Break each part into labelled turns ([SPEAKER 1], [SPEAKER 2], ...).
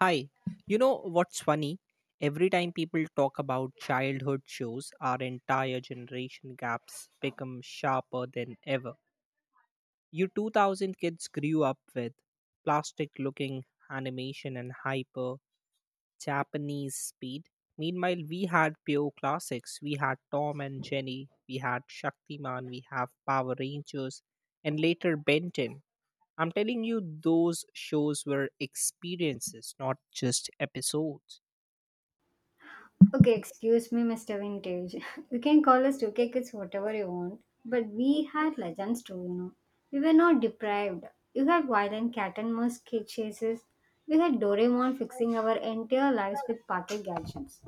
[SPEAKER 1] Hi, you know what's funny? Every time people talk about childhood shows, our entire generation gaps become sharper than ever. You 2000 kids grew up with plastic looking animation and hyper Japanese speed. Meanwhile, we had pure classics. We had Tom and Jenny, we had Shaktiman, we have Power Rangers, and later Benton. I'm telling you, those shows were experiences, not just episodes.
[SPEAKER 2] Okay, excuse me, Mr. Vintage. You can call us two K kids whatever you want, but we had legends too. We were not deprived. You had violent cat and mouse kid chases. We had Doraemon fixing our entire lives with pocket gadgets.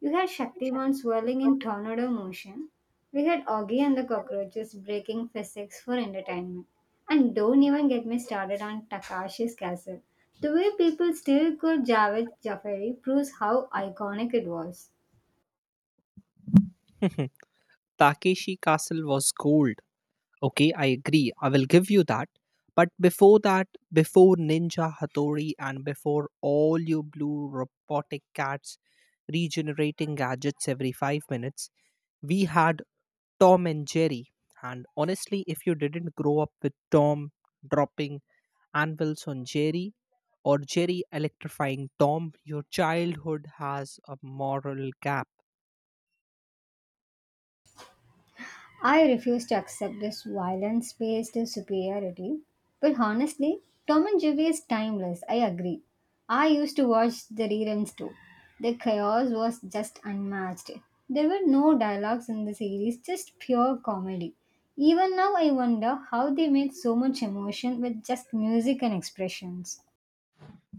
[SPEAKER 2] You had Shaktiman swirling in tornado motion. We had Augie and the cockroaches breaking physics for entertainment. And don't even get me started on Takashi's castle. The way people still call Javed Jafari proves how iconic it was.
[SPEAKER 1] Hmm, Takeshi Castle was gold. Okay, I agree. I will give you that. But before that, before Ninja Hattori and before all you blue robotic cats regenerating gadgets every five minutes, we had Tom and Jerry. And honestly, if you didn't grow up with Tom dropping anvils on Jerry or Jerry electrifying Tom, your childhood has a moral gap.
[SPEAKER 2] I refuse to accept this violence based superiority. But honestly, Tom and Jerry is timeless, I agree. I used to watch the reruns too. The chaos was just unmatched. There were no dialogues in the series, just pure comedy. Even now, I wonder how they made so much emotion with just music and expressions.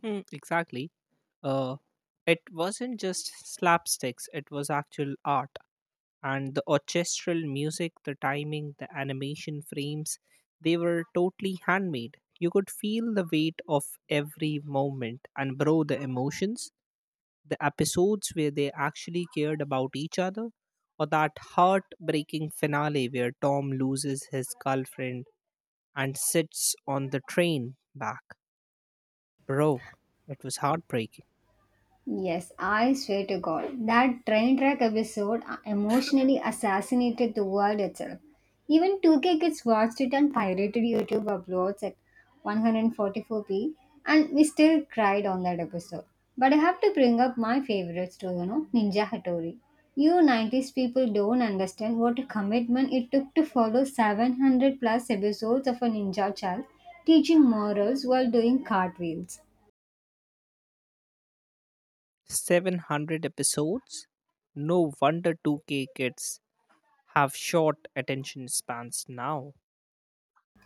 [SPEAKER 1] Hmm, exactly. Uh, it wasn't just slapsticks, it was actual art. And the orchestral music, the timing, the animation frames, they were totally handmade. You could feel the weight of every moment. And, bro, the emotions, the episodes where they actually cared about each other, or that heartbreaking finale where Tom loses his girlfriend and sits on the train back. Bro, it was heartbreaking.
[SPEAKER 2] Yes, I swear to God, that train track episode emotionally assassinated the world itself. Even 2K kids watched it on pirated YouTube uploads at 144p, and we still cried on that episode. But I have to bring up my favorites too, Ninja Hattori. You 90s people don't understand what a commitment it took to follow 700 plus episodes of a ninja child teaching morals while doing cartwheels.
[SPEAKER 1] 700 episodes? No wonder 2K kids have short attention spans now.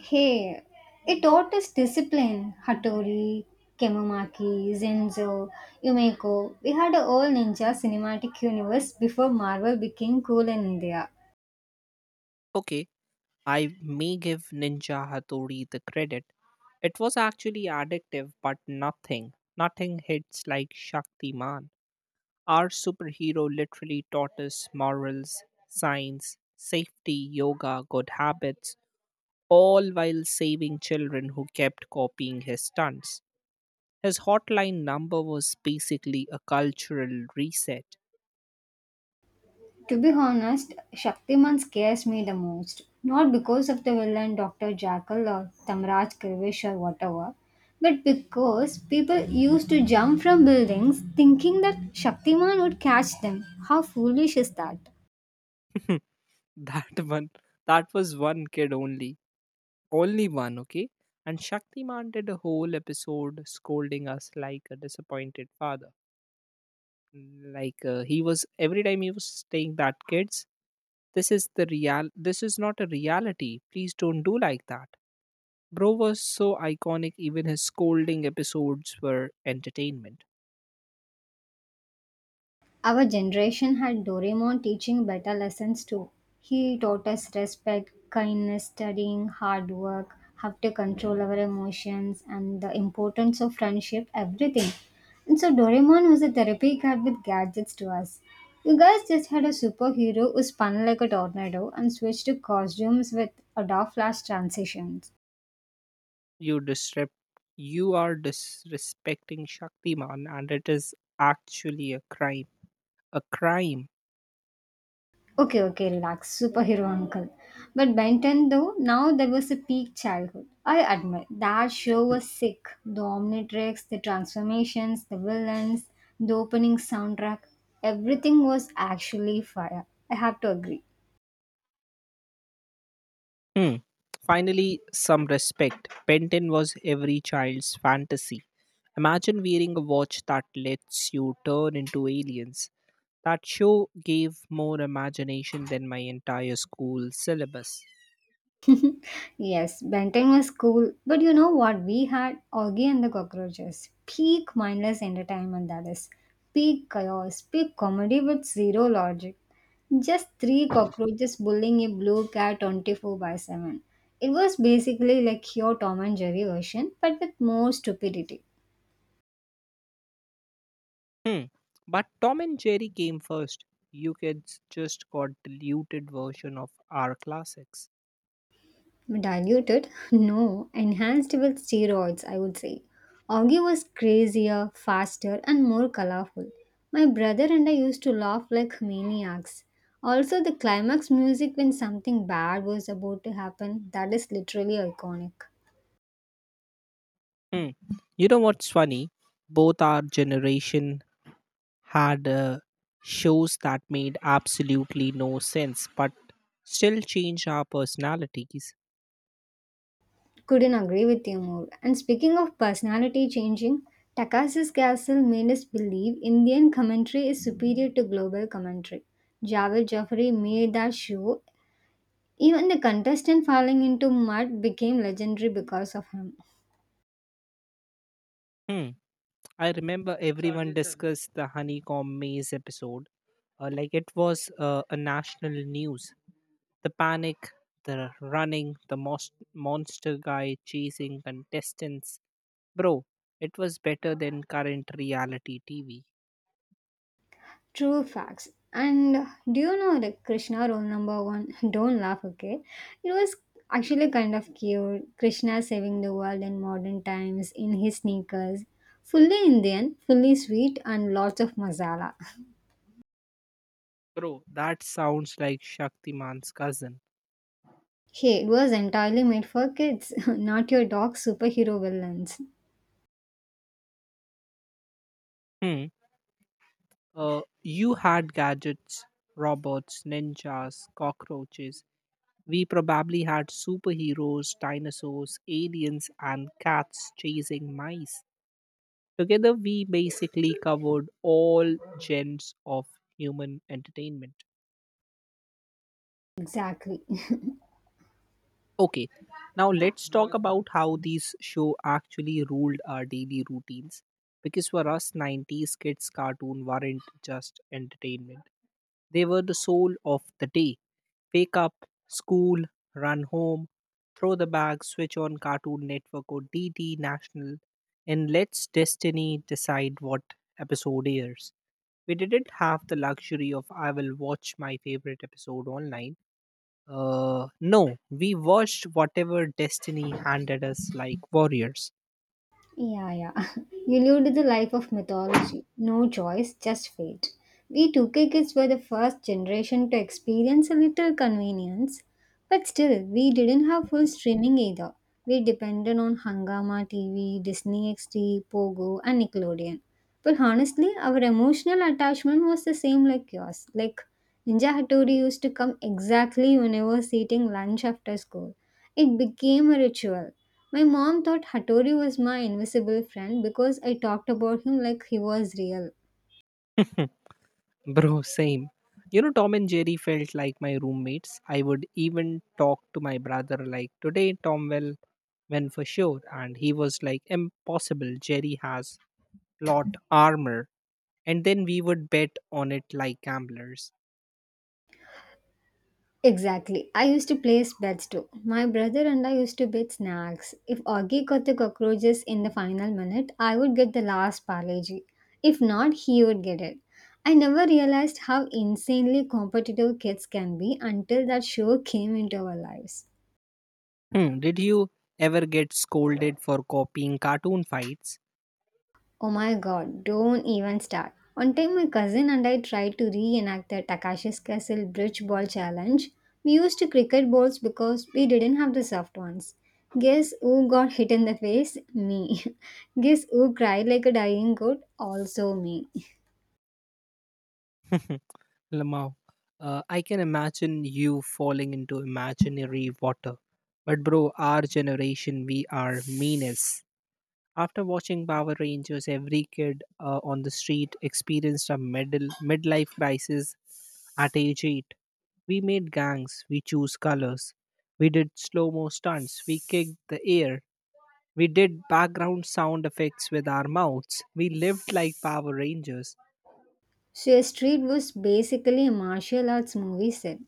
[SPEAKER 2] Hey, it taught us discipline. Hattori, Kemamaki, Zenzo, Yumeko. We had a whole ninja cinematic universe before Marvel became cool in India.
[SPEAKER 1] Okay, I may give Ninja Hattori the credit. It was actually addictive, but nothing hits like Shaktiman. Our superhero literally taught us morals, science, safety, yoga, good habits, all while saving children who kept copying his stunts. His hotline number was basically a cultural reset.
[SPEAKER 2] To be honest, Shaktiman scares me the most. Not because of the villain Dr. Jackal or Tamraj Kirvish or whatever, but because people used to jump from buildings thinking that Shaktiman would catch them. How foolish is that?
[SPEAKER 1] That one, that was one kid only. Only one, okay? And Shaktiman did a whole episode scolding us like a disappointed father. Like every time he was saying that, "Kids, this is the real, this is not a reality, please don't do like that." Bro was so iconic, even his scolding episodes were entertainment.
[SPEAKER 2] Our generation had Doraemon teaching better lessons too. He taught us respect, kindness, studying, hard work, how to control our emotions, and the importance of friendship, everything. And so Doraemon was a therapy cat with gadgets to us. You guys just had a superhero who spun like a tornado and switched to costumes with Adobe Flash transitions.
[SPEAKER 1] you disrupt you are disrespecting Shaktiman, and it is actually a crime. A crime.
[SPEAKER 2] Okay, okay, relax. Superhero uncle. But Benton, though, now there was a peak childhood. I admit, that show was sick. The Omnitrix, the transformations, the villains, the opening soundtrack, everything was actually fire. I have to agree.
[SPEAKER 1] Hmm. Finally, some respect. Benton was every child's fantasy. Imagine wearing a watch that lets you turn into aliens. That show gave more imagination than my entire school syllabus.
[SPEAKER 2] Yes, Benton was cool, but you know what? We had Augie and the Cockroaches. Peak mindless entertainment, that is. Peak chaos, peak comedy with zero logic. Just three cockroaches bullying a blue cat 24 by 7. It was basically like your Tom and Jerry version, but with more stupidity.
[SPEAKER 1] Hmm. But Tom and Jerry came first. You kids just got diluted version of our classics.
[SPEAKER 2] Diluted? No, enhanced with steroids, I would say. Augie was crazier, faster, and more colorful. My brother and I used to laugh like maniacs. Also, the climax music when something bad was about to happen, that is literally iconic.
[SPEAKER 1] Hmm. You know what's funny? Both our generation had shows that made absolutely no sense, but still changed our personalities.
[SPEAKER 2] Couldn't agree with you more. And speaking of personality changing, Takashi's Castle made us believe Indian commentary is superior to global commentary. Javed Jaffrey made that show. Even the contestant falling into mud became legendary because of him.
[SPEAKER 1] Hmm. I remember everyone discussed the honeycomb maze episode, like it was a national news. The panic, the running, the most monster guy chasing contestants. Bro, it was better than current reality TV.
[SPEAKER 2] True facts. And do you know the Krishna rule number one? Don't laugh, okay? It was actually kind of cute. Krishna saving the world in modern times in his sneakers. Fully Indian, fully sweet, and lots of masala.
[SPEAKER 1] Bro, that sounds like Shaktiman's cousin.
[SPEAKER 2] Hey, it was entirely made for kids, not your dog superhero villains.
[SPEAKER 1] Hmm. You had gadgets, robots, ninjas, cockroaches. We probably had superheroes, dinosaurs, aliens, and cats chasing mice. Together, we basically covered all genres of human entertainment.
[SPEAKER 2] Exactly.
[SPEAKER 1] Okay, now let's talk about how these show actually ruled our daily routines. Because for us, 90s kids' cartoon weren't just entertainment, they were the soul of the day. Wake up, school, run home, throw the bag, switch on Cartoon Network or DD National, and let's destiny decide what episode airs. We didn't have the luxury of, "I will watch my favorite episode online." No, we watched whatever destiny handed us like warriors.
[SPEAKER 2] Yeah, yeah. You lived the life of mythology. No choice, just fate. We 2K kids were the first generation to experience a little convenience. But still, we didn't have full streaming either. We depended on Hangama TV, Disney XD, Pogo, and Nickelodeon. But honestly, our emotional attachment was the same like yours. Like Ninja Hattori used to come exactly when I was eating lunch after school. It became a ritual. My mom thought Hattori was my invisible friend because I talked about him like he was real.
[SPEAKER 1] Bro, same. You know, Tom and Jerry felt like my roommates. I would even talk to my brother like, "Today Tom will win for sure." And he was like, "Impossible. Jerry has lot armor." And then we would bet on it like gamblers.
[SPEAKER 2] Exactly. I used to place bets too. My brother and I used to bet snacks. If Augie got the cockroaches in the final minute, I would get the last parleji. If not, he would get it. I never realized how insanely competitive kids can be until that show came into our lives.
[SPEAKER 1] Hmm, did you ever get scolded for copying cartoon fights?
[SPEAKER 2] Oh my god, don't even start. One time, my cousin and I tried to reenact the Takashi's Castle Bridge Ball Challenge. We used cricket balls because we didn't have the soft ones. Guess who got hit in the face? Me. Guess who cried like a dying goat? Also me.
[SPEAKER 1] Lamau, I can imagine you falling into imaginary water. But bro, our generation, we are meanest. After watching Power Rangers, every kid on the street experienced a middle midlife crisis at age 8. We made gangs, we chose colors, we did slow mo stunts, we kicked the air, we did background sound effects with our mouths, we lived like Power Rangers.
[SPEAKER 2] So, a street was basically a martial arts movie set.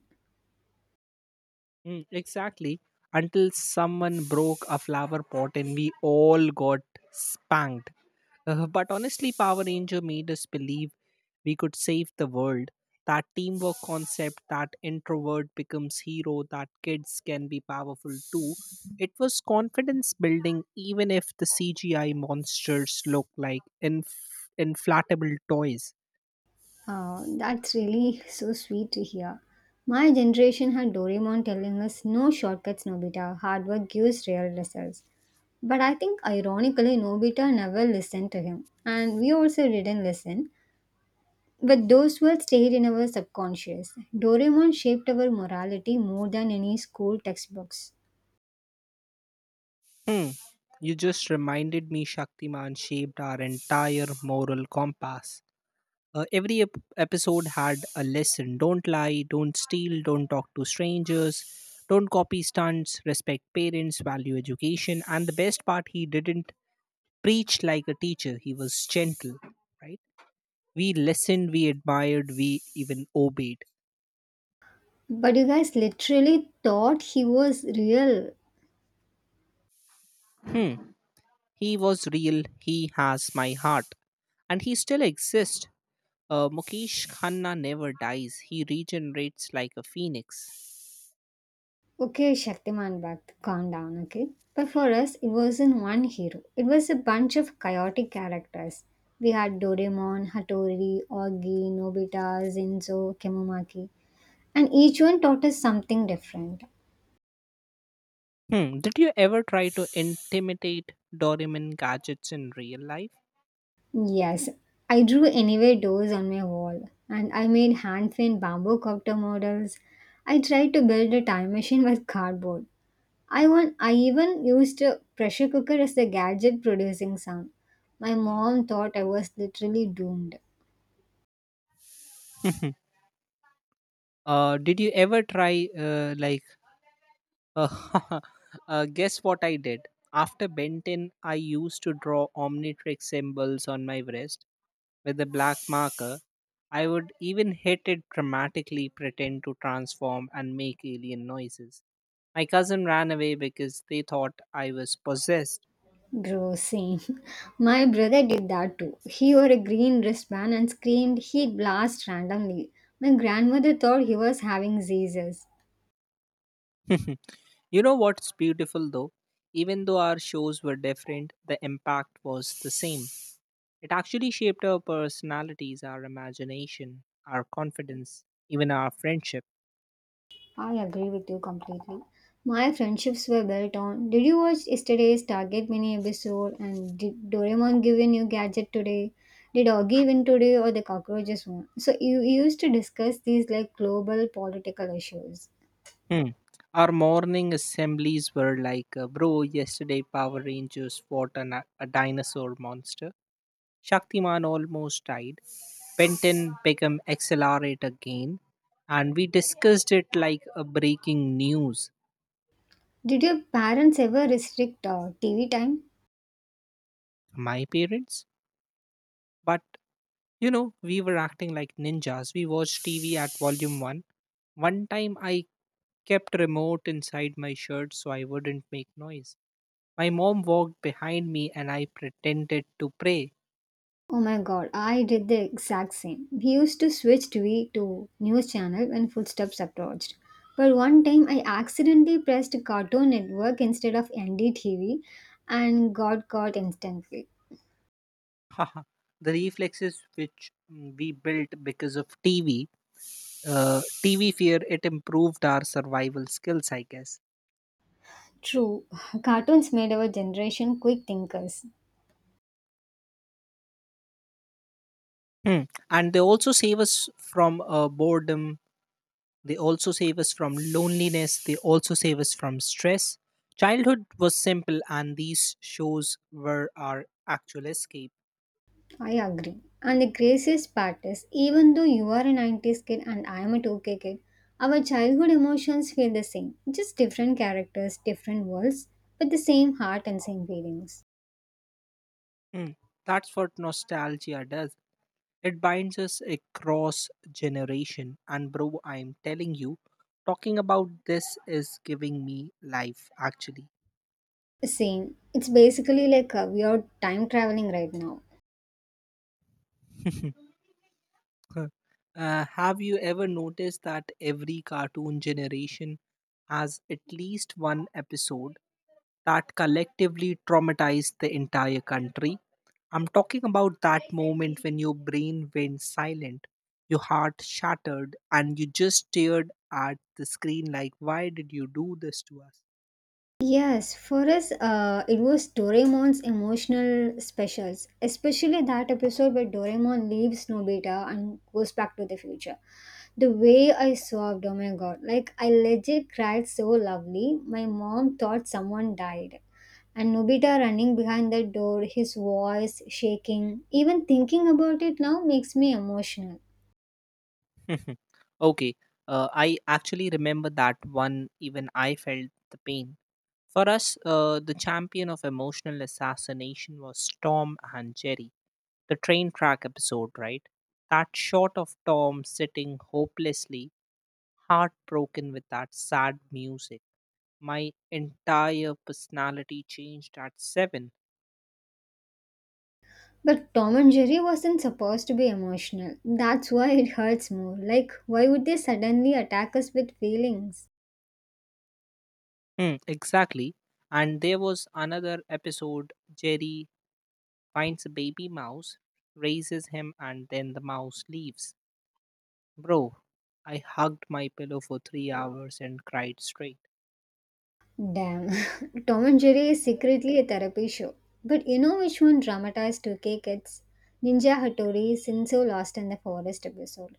[SPEAKER 1] Mm, exactly. Until someone broke a flower pot and we all got spanked. But honestly, Power Ranger made us believe we could save the world. That teamwork concept, that introvert becomes hero, that kids can be powerful too. It was confidence building, even if the CGI monsters look like inflatable toys.
[SPEAKER 2] That's really so sweet to hear. My generation had Doraemon telling us no shortcuts, Nobita. Hard work gives real results. But I think ironically, Nobita never listened to him, and we also didn't listen. But those words stayed in our subconscious. Doraemon shaped our morality more than any school textbooks.
[SPEAKER 1] Hmm. You just reminded me Shaktiman shaped our entire moral compass. Every episode had a lesson. Don't lie, don't steal, don't talk to strangers, don't copy stunts, respect parents, value education. And the best part, he didn't preach like a teacher, he was gentle, right? We listened, we admired, we even obeyed.
[SPEAKER 2] But you guys literally thought he was real.
[SPEAKER 1] Hmm. He was real, he has my heart. And he still exists. Mukesh Khanna never dies, he regenerates like a phoenix.
[SPEAKER 2] Okay, Shaktiman Bhatt, calm down, okay? But for us, it wasn't one hero, it was a bunch of chaotic characters. We had Doraemon, Hattori, Oggy, Nobita, Zinzo, Kemomaki, and each one taught us something different.
[SPEAKER 1] Hmm, did you ever try to intimidate Doraemon gadgets in real life?
[SPEAKER 2] Yes, I drew anyway doors on my wall and I made hand paint bamboo copter models. I tried to build a time machine with cardboard. I even used a pressure cooker as the gadget producing sound. My mom thought I was literally doomed.
[SPEAKER 1] Did you ever try, like, uh, guess what I did? After Benton, I used to draw Omnitrix symbols on my wrist with a black marker. I would even hit it dramatically, pretend to transform, and make alien noises. My cousin ran away because they thought I was possessed.
[SPEAKER 2] Bro, same. My brother did that too. He wore a green wristband and screamed he'd blast randomly. My grandmother thought he was having seizures.
[SPEAKER 1] You know what's beautiful though? Even though our shows were different, the impact was the same. It actually shaped our personalities, our imagination, our confidence, even our friendship.
[SPEAKER 2] I agree with you completely. My friendships were built on. Did you watch yesterday's Target mini episode? And did Doraemon give you a new gadget today? Did Augie win today or the cockroaches won? So you used to discuss these like global political issues.
[SPEAKER 1] Hmm. Our morning assemblies were like, "Bro, yesterday Power Rangers fought a dinosaur monster. Shaktiman almost died. Benton became accelerate again." And we discussed it like a breaking news.
[SPEAKER 2] Did your parents ever restrict TV time?
[SPEAKER 1] My parents? But you know, we were acting like ninjas. We watched TV at volume 1. One time I kept remote inside my shirt so I wouldn't make noise. My mom walked behind me and I pretended to pray.
[SPEAKER 2] Oh my god, I did the exact same. We used to switch TV to news channel when footsteps approached. But one time I accidentally pressed Cartoon Network instead of NDTV and got caught instantly.
[SPEAKER 1] Haha. The reflexes which we built because of TV, TV fear, it improved our survival skills, I guess.
[SPEAKER 2] True, cartoons made our generation quick thinkers.
[SPEAKER 1] Hmm. And they also save us from boredom. They also save us from loneliness. They also save us from stress. Childhood was simple, and these shows were our actual escape.
[SPEAKER 2] I agree. And the craziest part is, even though you are a 90s kid and I am a 2K kid, our childhood emotions feel the same. Just different characters, different worlds, but the same heart and same feelings.
[SPEAKER 1] Mm. That's what nostalgia does. It binds us across generation. And bro, I'm telling you, talking about this is giving me life. Actually,
[SPEAKER 2] Same. It's basically like we are time traveling right now.
[SPEAKER 1] uh, have you ever noticed that every cartoon generation has at least one episode that collectively traumatized the entire country? I'm talking about that moment when your brain went silent, your heart shattered, and you just stared at the screen like, "Why did you do this to us?"
[SPEAKER 2] Yes, for us, it was Doraemon's emotional specials, especially that episode where Doraemon leaves Nobita and goes back to the future. The way I sobbed, oh my god, like I legit cried so lovely. My mom thought someone died. And Nobita running behind the door, his voice shaking, even thinking about it now makes me emotional.
[SPEAKER 1] Okay, I actually remember that one, even I felt the pain. For us, the champion of emotional assassination was Tom and Jerry, the train track episode, right? That shot of Tom sitting hopelessly heartbroken with that sad music. My entire personality changed at seven.
[SPEAKER 2] But Tom and Jerry wasn't supposed to be emotional. That's why it hurts more. Like, why would they suddenly attack us with feelings?
[SPEAKER 1] Hmm, exactly. And there was another episode, Jerry finds a baby mouse, raises him, and then the mouse leaves. Bro, I hugged my pillow for 3 hours and cried straight.
[SPEAKER 2] Damn. Tom and Jerry is secretly a therapy show. But you know which one dramatized 2K kids? Ninja Hattori Sinzo lost in the forest episode.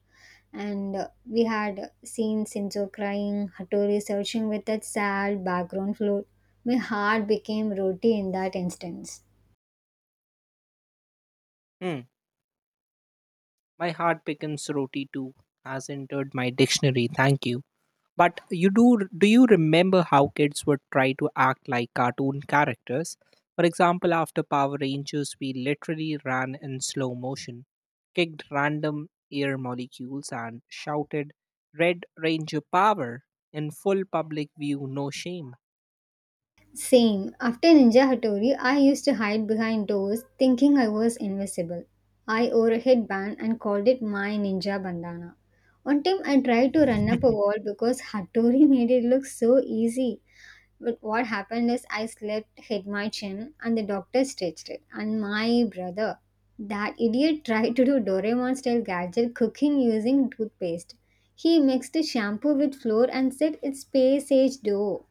[SPEAKER 2] And we had seen Sinzo crying, Hattori searching with that sad background flute. My heart became roti in that instance.
[SPEAKER 1] Hmm, "my heart becomes roti too" has entered my dictionary. Thank you. But you do Do you remember how kids would try to act like cartoon characters? For example, after Power Rangers, we literally ran in slow motion, kicked random air molecules, and shouted "Red Ranger Power" in full public view, no shame.
[SPEAKER 2] Same. After Ninja Hattori, I used to hide behind doors thinking I was invisible. I wore a headband and called it my ninja bandana. One time I tried to run up a wall because Hattori made it look so easy. But what happened is I slipped, hit my chin, and the doctor stitched it. And my brother, that idiot, tried to do Doraemon style gadget cooking using toothpaste. He mixed shampoo with flour and said it's space age dough.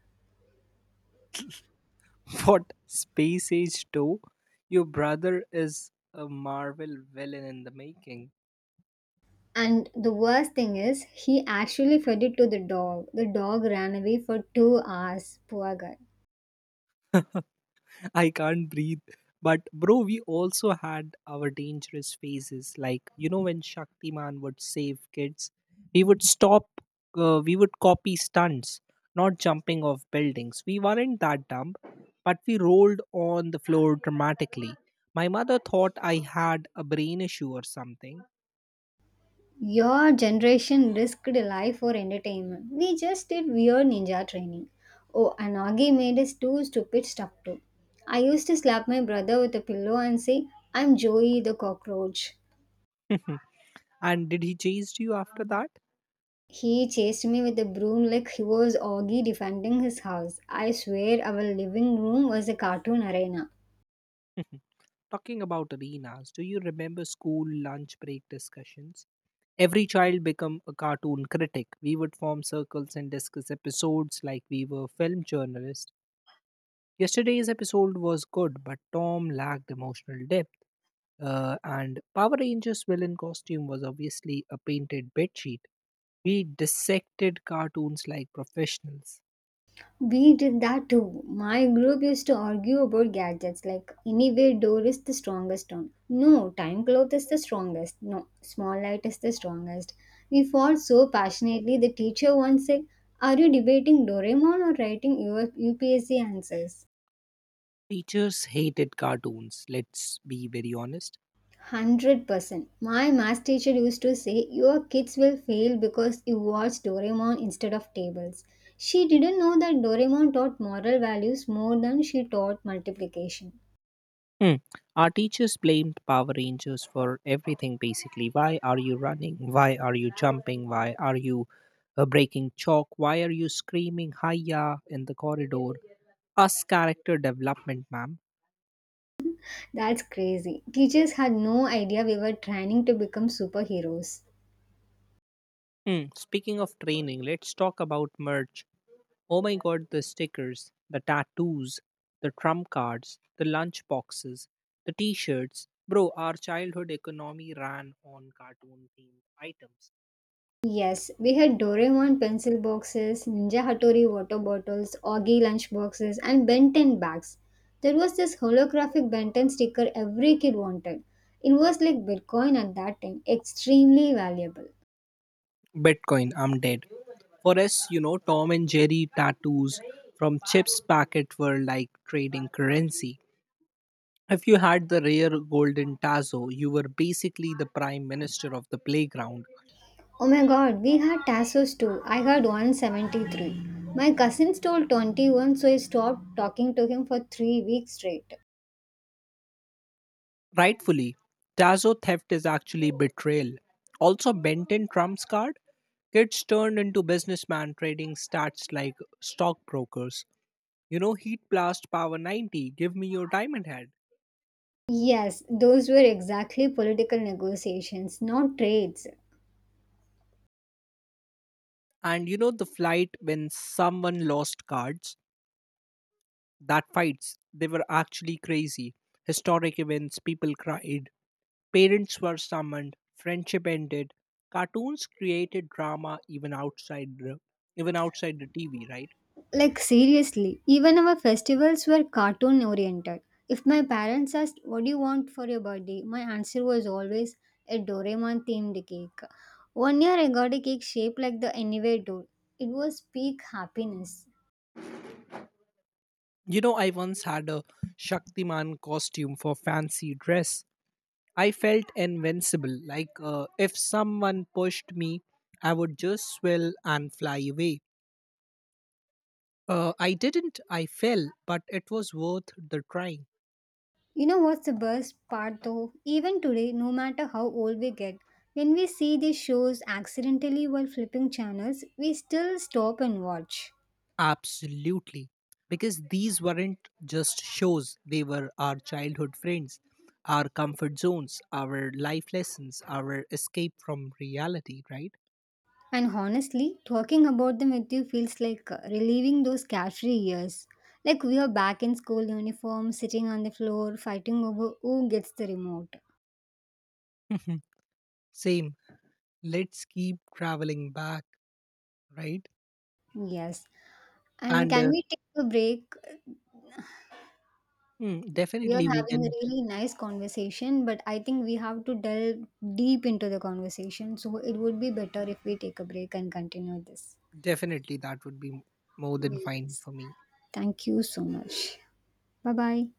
[SPEAKER 1] What space age two? Your brother is a Marvel villain in the making.
[SPEAKER 2] And the worst thing is, he actually fed it to the dog. The dog ran away for 2 hours. Poor guy.
[SPEAKER 1] I can't breathe. But bro, we also had our dangerous phases. Like you know, when Shaktiman would save kids, we would stop. We would copy stunts, not jumping off buildings. We weren't that dumb, but we rolled on the floor dramatically. My mother thought I had a brain issue or something.
[SPEAKER 2] Your generation risked a life for entertainment. We just did weird ninja training. Oh, and Augie made us do stupid stuff too. I used to slap my brother with a pillow and say, I'm Joey the cockroach.
[SPEAKER 1] And did he chase you after that?
[SPEAKER 2] He chased me with a broom like he was Augie defending his house. I swear our living room was a cartoon arena.
[SPEAKER 1] Talking about arenas, do you remember school lunch break discussions? Every child become a cartoon critic. We would form circles and discuss episodes like we were film journalists. Yesterday's episode was good, but Tom lacked emotional depth. And Power Rangers villain costume was obviously a painted bedsheet. We dissected cartoons like professionals.
[SPEAKER 2] We did that too. My group used to argue about gadgets like anyway door is the strongest one. No, time cloth is the strongest. No, small light is the strongest. We fought so passionately the teacher once said, Are you debating Doraemon or writing your UPSC answers?
[SPEAKER 1] Teachers hated cartoons, let's be very honest.
[SPEAKER 2] 100%. My math teacher used to say, Your kids will fail because you watch Doraemon instead of tables. She didn't know that Doraemon taught moral values more than she taught multiplication.
[SPEAKER 1] Hmm. Our teachers blamed Power Rangers for everything basically. Why are you running? Why are you jumping? Why are you breaking chalk? Why are you screaming hiya in the corridor? Us character development, ma'am.
[SPEAKER 2] That's crazy. Teachers had no idea we were training to become superheroes.
[SPEAKER 1] Hmm, speaking of training, let's talk about merch. Oh my god, the stickers, the tattoos, the trump cards, the lunch boxes, the t shirts. Bro, our childhood economy ran on cartoon themed items.
[SPEAKER 2] Yes, we had Doraemon pencil boxes, Ninja Hattori water bottles, Augie lunch boxes, and Ben 10 bags. There was this holographic Ben 10 sticker every kid wanted. It was like Bitcoin at that time, extremely valuable.
[SPEAKER 1] Bitcoin, I'm dead. For us, you know, Tom and Jerry tattoos from Chips Packet were like trading currency. If you had the rare golden Tazo, you were basically the prime minister of the playground.
[SPEAKER 2] Oh my god, we had Tassos too. I had 173. My cousin stole 21, so I stopped talking to him for 3 weeks straight.
[SPEAKER 1] Rightfully, Tazo theft is actually betrayal. Also, Benton Trump's card? Kids turned into businessmen trading stats like stockbrokers. You know, heat blast power 90, give me your diamond head.
[SPEAKER 2] Yes, those were exactly political negotiations, not trades.
[SPEAKER 1] And you know, the flight when someone lost cards, that fights, they were actually crazy. Historic events, people cried, parents were summoned, friendship ended. Cartoons created drama even outside the TV, right?
[SPEAKER 2] Like, seriously, even our festivals were cartoon oriented. If my parents asked, What do you want for your birthday? My answer was always a Doraemon themed cake. One year I got a cake shaped like the Anyway door. It was peak happiness.
[SPEAKER 1] You know, I once had a Shaktiman costume for fancy dress. I felt invincible, like if someone pushed me, I would just swell and fly away. I didn't, I fell, but it was worth the try.
[SPEAKER 2] You know what's the best part though? Even today, no matter how old we get, when we see these shows accidentally while flipping channels, we still stop and watch.
[SPEAKER 1] Absolutely. Because these weren't just shows, they were our childhood friends, our comfort zones, our life lessons, our escape from reality, right?
[SPEAKER 2] And honestly, talking about them with you feels like relieving those carefree years. Like we are back in school uniform, sitting on the floor, fighting over who gets the remote.
[SPEAKER 1] Same. Let's keep traveling back, right?
[SPEAKER 2] Yes. And
[SPEAKER 1] And
[SPEAKER 2] can
[SPEAKER 1] uh,
[SPEAKER 2] we take a break? We are
[SPEAKER 1] Definitely we
[SPEAKER 2] having a
[SPEAKER 1] can,
[SPEAKER 2] really nice conversation, but I think we have to delve deep into the conversation. So it would be better if we take a break and continue this.
[SPEAKER 1] definitely that would be more than fine
[SPEAKER 2] Yes.
[SPEAKER 1] for me.
[SPEAKER 2] Thank you so much. Bye bye.